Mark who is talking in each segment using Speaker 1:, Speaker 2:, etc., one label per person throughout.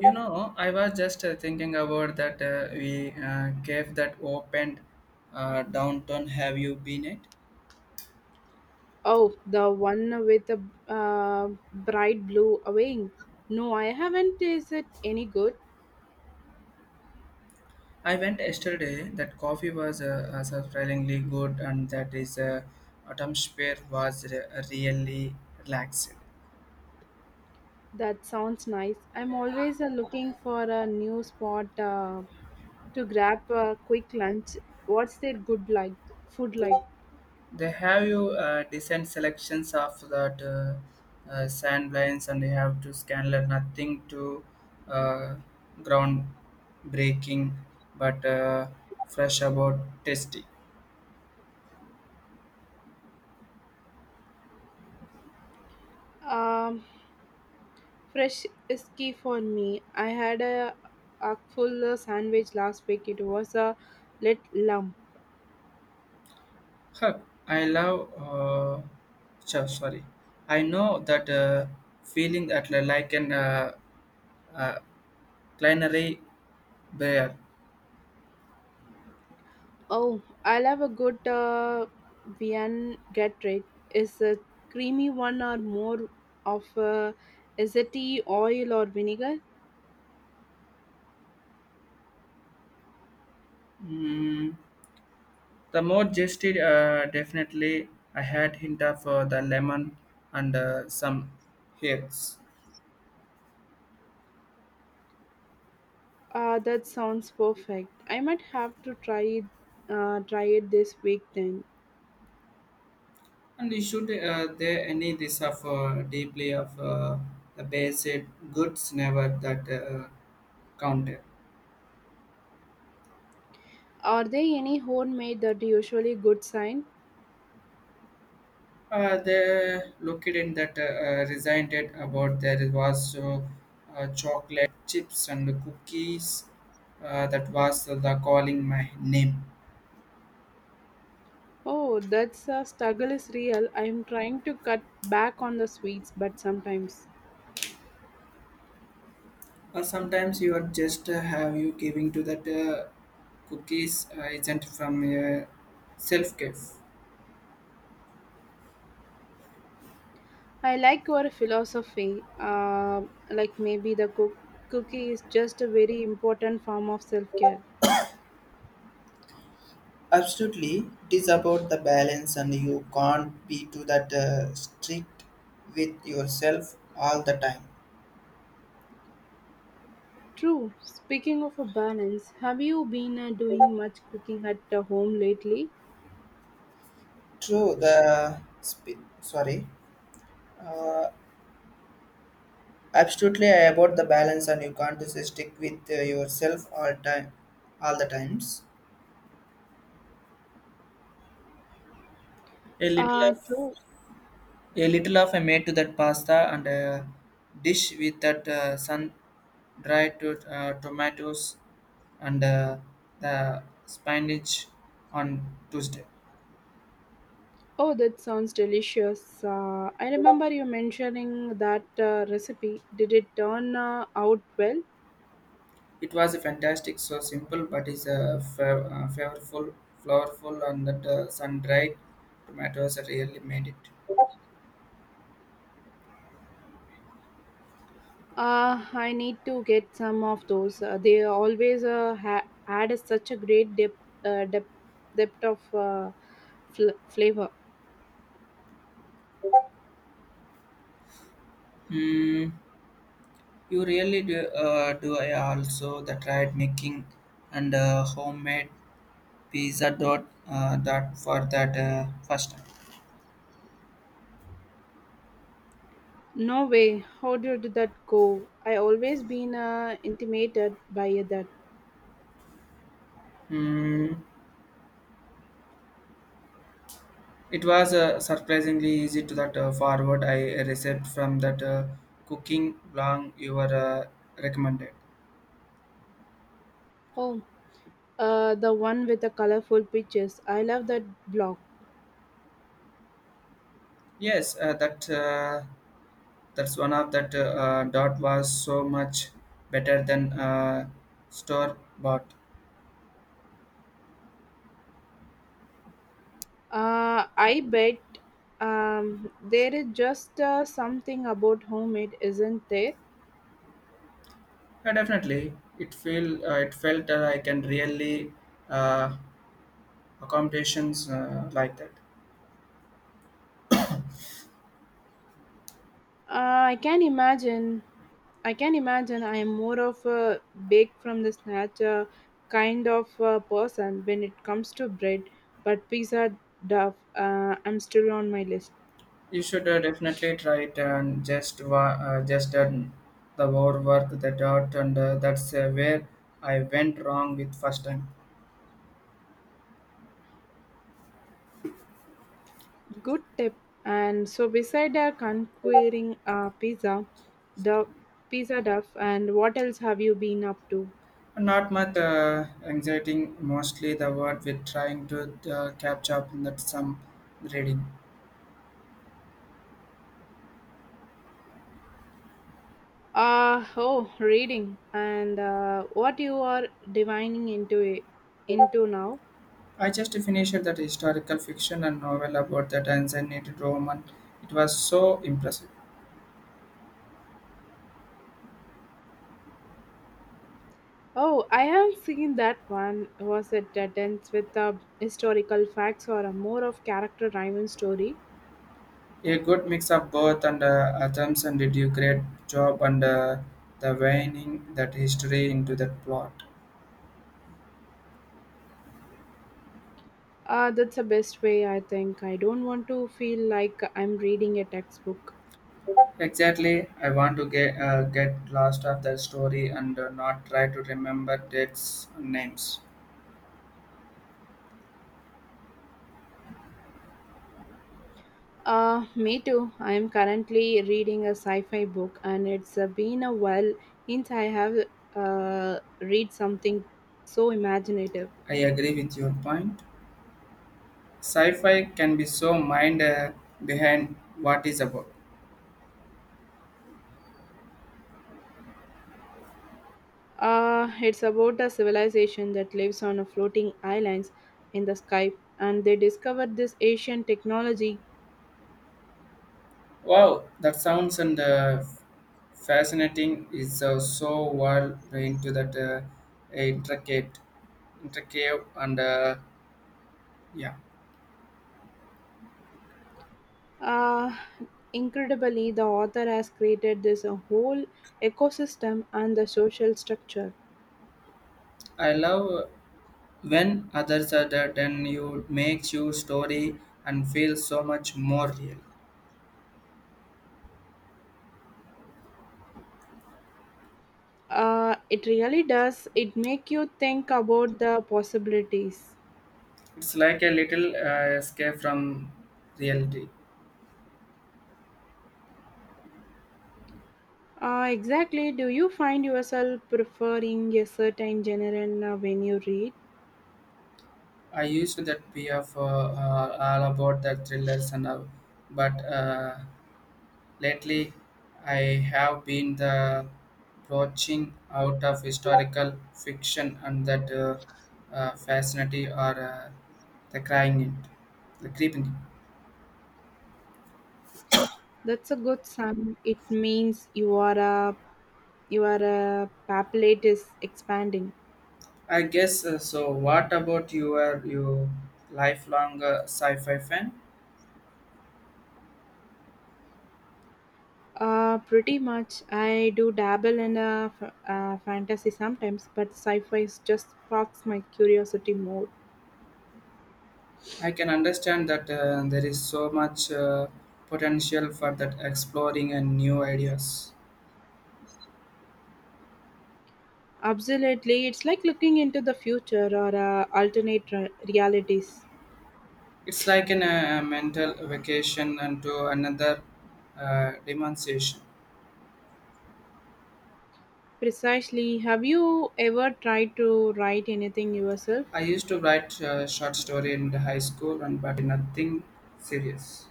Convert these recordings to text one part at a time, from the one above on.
Speaker 1: I was just thinking about that we cave that opened downtown. Have you been it?
Speaker 2: Oh, the one with the bright blue wing. No, I haven't. Is it any good?
Speaker 1: I went yesterday. That coffee was surprisingly good, and that is atmosphere was really relaxed.
Speaker 2: That sounds nice. I'm always looking for a new spot to grab a quick lunch. What's their good like? Food like?
Speaker 1: They have you decent selections of that sand lines, and you have to scan like nothing to uh, ground breaking, but fresh about tasty.
Speaker 2: Um, Fresh is key for me. I had a full sandwich last week. It was a lit lump.
Speaker 1: Huh, I love. Sorry, I know that feeling that like an uh, culinary bear.
Speaker 2: Oh, I love a good Vienna get rate. Is a creamy one or more of a is it tea, oil or vinegar?
Speaker 1: Mm, the more gested, definitely I had hint of the lemon and some herbs.
Speaker 2: That sounds perfect. I might have to try try it this week then.
Speaker 1: And you should there any this of deeply of the basic goods never that count.
Speaker 2: Are there any homemade that usually good sign?
Speaker 1: The located that resigned it about there was chocolate chips and cookies that was the calling my name.
Speaker 2: Oh, that's a struggle is real. I'm trying to cut back on the sweets, but sometimes.
Speaker 1: Sometimes you are just have you giving to that cookies isn't from self care.
Speaker 2: I like your philosophy. Like maybe cookie is just a very important form of self care.
Speaker 1: Absolutely, it is about the balance, and you can't be too that strict with yourself all the time.
Speaker 2: True. Speaking of a balance, have you been doing much cooking at the home lately?
Speaker 1: True, sorry, uh, absolutely, I about the balance, and you can't just stick with yourself all time, all the times. A little of
Speaker 2: True.
Speaker 1: a little of a made to that pasta and a dish with that sun dried tomatoes and the spinach on Tuesday.
Speaker 2: Oh, that sounds delicious. I remember you mentioning that recipe. Did it turn out well?
Speaker 1: It was a fantastic, so simple, but it's a flavorful, flavorful, and that sun dried tomatoes really made it.
Speaker 2: I need to get some of those. They always add such a great uh, depth, depth of flavor.
Speaker 1: Hmm. You really do. I also the tried making and homemade pizza dot that for that first time.
Speaker 2: No way. How did that go? I always been intimidated by that.
Speaker 1: Mm, it was surprisingly easy to that forward I received from that cooking blog you were recommended.
Speaker 2: Oh, the one with the colorful pictures. I love that blog.
Speaker 1: Yes, that's one of that dot was so much better than store bought.
Speaker 2: I bet there is just something about homemade, isn't there?
Speaker 1: Yeah, definitely, it feel it felt I can really uh, accommodations like that.
Speaker 2: I can imagine I am more of a bake from the snatch kind of person when it comes to bread, but pizza duff, I'm still on my list.
Speaker 1: You should definitely try it and just just done the word work the dot and that's where I went wrong with first time.
Speaker 2: Good tip. And so, beside conquering pizza, the pizza duff, and what else have you been up to?
Speaker 1: Not much anxiety, mostly the word with trying to catch up in that some reading.
Speaker 2: Oh, reading. And what you are divining into now?
Speaker 1: I just finished that historical fiction and novel about that ancient Roman. It was so impressive.
Speaker 2: Oh, I have seen that one. Was it dense with historical facts or a more of character driven story?
Speaker 1: A good mix of both and Athermson did you great job and the weighing that history into that plot.
Speaker 2: That's the best way, I think. I don't want to feel like I'm reading a textbook.
Speaker 1: Exactly, I want to get lost of the story and not try to remember dates and names.
Speaker 2: Me too. I'm currently reading a sci fi book, and it's been a while since I have read something so imaginative.
Speaker 1: I agree with your point. Sci-fi can be so mind behind what is about.
Speaker 2: It's about a civilization that lives on a floating islands in the sky, and they discovered this ancient technology.
Speaker 1: Wow, that sounds and fascinating. Is so well into that intricate, intricate and yeah,
Speaker 2: Uh, Incredibly, the author has created this a whole ecosystem and the social structure.
Speaker 1: I love when others are there, then you makes your story and feel so much more real.
Speaker 2: It really does. It make you think about the possibilities.
Speaker 1: It's like a little escape from reality.
Speaker 2: Exactly. Do you find yourself preferring a certain genre when you read?
Speaker 1: I used to that be of all about the thrillers and all, but lately I have been the broaching out of historical fiction and that fascinity or the crying it, the creeping.
Speaker 2: That's a good sign. It means you are a Your palate is expanding.
Speaker 1: I guess so. What about your you lifelong sci-fi fan?
Speaker 2: Pretty much. I do dabble in fantasy sometimes, but sci-fi is just sparks my curiosity more.
Speaker 1: I can understand that there is so much potential for that exploring and new ideas.
Speaker 2: Absolutely, it's like looking into the future or alternate realities.
Speaker 1: It's like a mental vacation and to another demonstration.
Speaker 2: Precisely. Have you ever tried to write anything yourself?
Speaker 1: I used to write short story in the high school, and but nothing serious.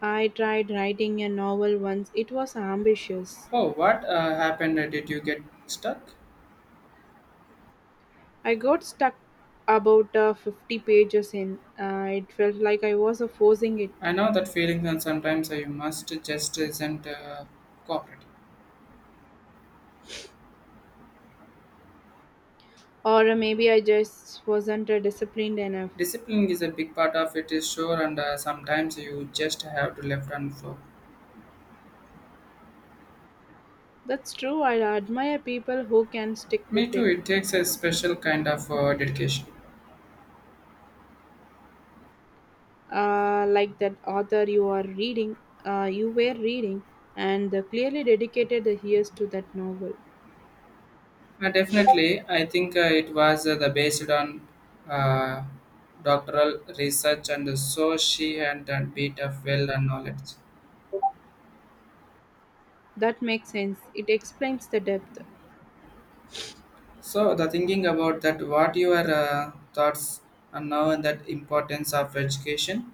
Speaker 2: I tried writing a novel once. It was ambitious.
Speaker 1: Oh, what happened? Did you get stuck?
Speaker 2: I got stuck about 50 pages in. It felt like I was forcing it.
Speaker 1: I know that feeling, and sometimes you must just isn't cooperative.
Speaker 2: Or maybe I just wasn't disciplined enough.
Speaker 1: Discipline is a big part of it, is sure, and sometimes you just have to left and flow.
Speaker 2: That's true. I admire people who can stick
Speaker 1: Me
Speaker 2: with
Speaker 1: too.
Speaker 2: it,
Speaker 1: It takes a special kind of dedication.
Speaker 2: uh, like that author you are reading, you were reading, and clearly dedicated the years to that novel.
Speaker 1: Definitely, I think it was the based on uh, doctoral research, and so she had a bit of well and knowledge.
Speaker 2: That makes sense. It explains the depth.
Speaker 1: So the thinking about that, what your thoughts are now on that importance of education?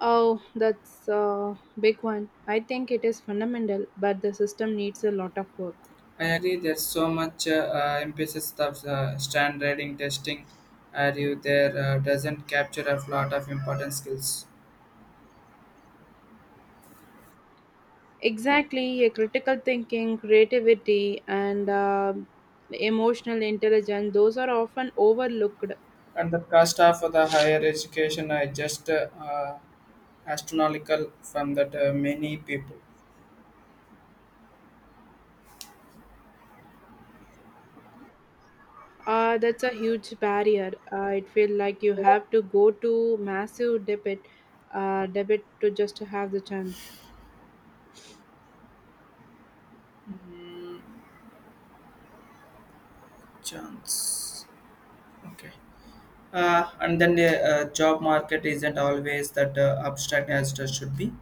Speaker 2: Oh, that's a big one. I think it is fundamental, but the system needs a lot of work.
Speaker 1: I agree. There's so much emphasis of standardizing testing. Are you there doesn't capture a lot of important skills,
Speaker 2: Exactly, a critical thinking, creativity, and emotional intelligence, those are often overlooked.
Speaker 1: and the cost of the higher education are just astronomical from that many people.
Speaker 2: That's a huge barrier. It feels like you have to go to massive debit to just to have the chance.
Speaker 1: Chance. Okay. And then the job market isn't always that abstract as it should be.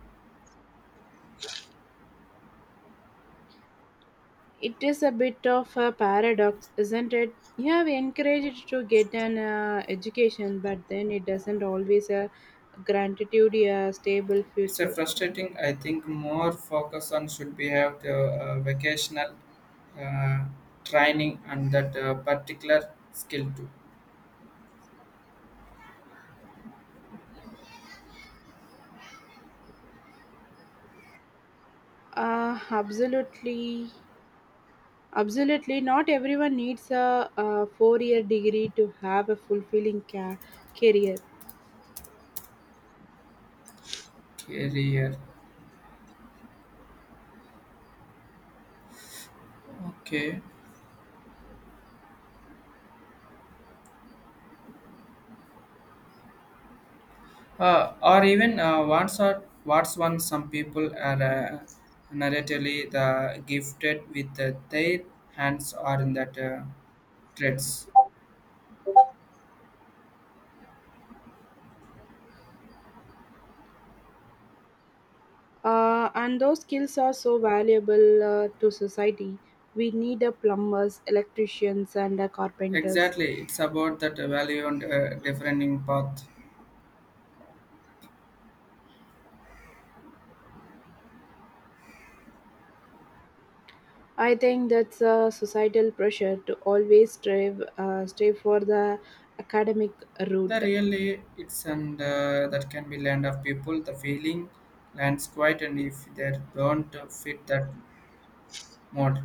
Speaker 2: It is a bit of a paradox, isn't it? You have encouraged to get an education, but then it doesn't always gratitude a stable
Speaker 1: It's a
Speaker 2: future.
Speaker 1: frustrating. I think more focus on should be have the vocational uh, training and that particular skill to
Speaker 2: Uh, absolutely. Absolutely, not everyone needs a 4 year degree to have a fulfilling career.
Speaker 1: career. Okay, or what's one some people are narratively the gifted with the, their hands or in that traits.
Speaker 2: And those skills are so valuable to society. We need a plumbers, electricians, and carpenters.
Speaker 1: Exactly, it's about that value and differing path.
Speaker 2: I think that's a societal pressure to always strive for the academic
Speaker 1: The
Speaker 2: route.
Speaker 1: really it's and that can be land of people. The feeling lands quiet, and if they don't fit that model,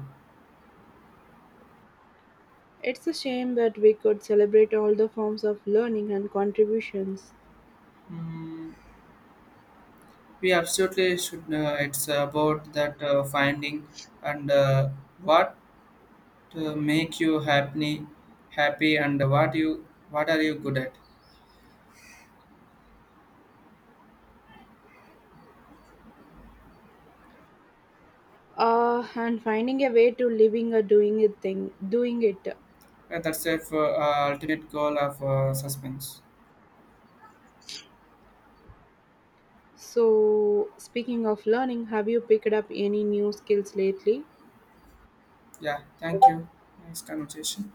Speaker 2: It's a shame that we could celebrate all the forms of learning and contributions
Speaker 1: mm, we absolutely should. It's about that finding and what make you happy, happy, and what are you good at.
Speaker 2: and finding a way to living or doing it.
Speaker 1: That's the ultimate goal of suspense.
Speaker 2: So, speaking of learning, have you picked up any new skills lately?
Speaker 1: Yeah, thank you. Nice conversation.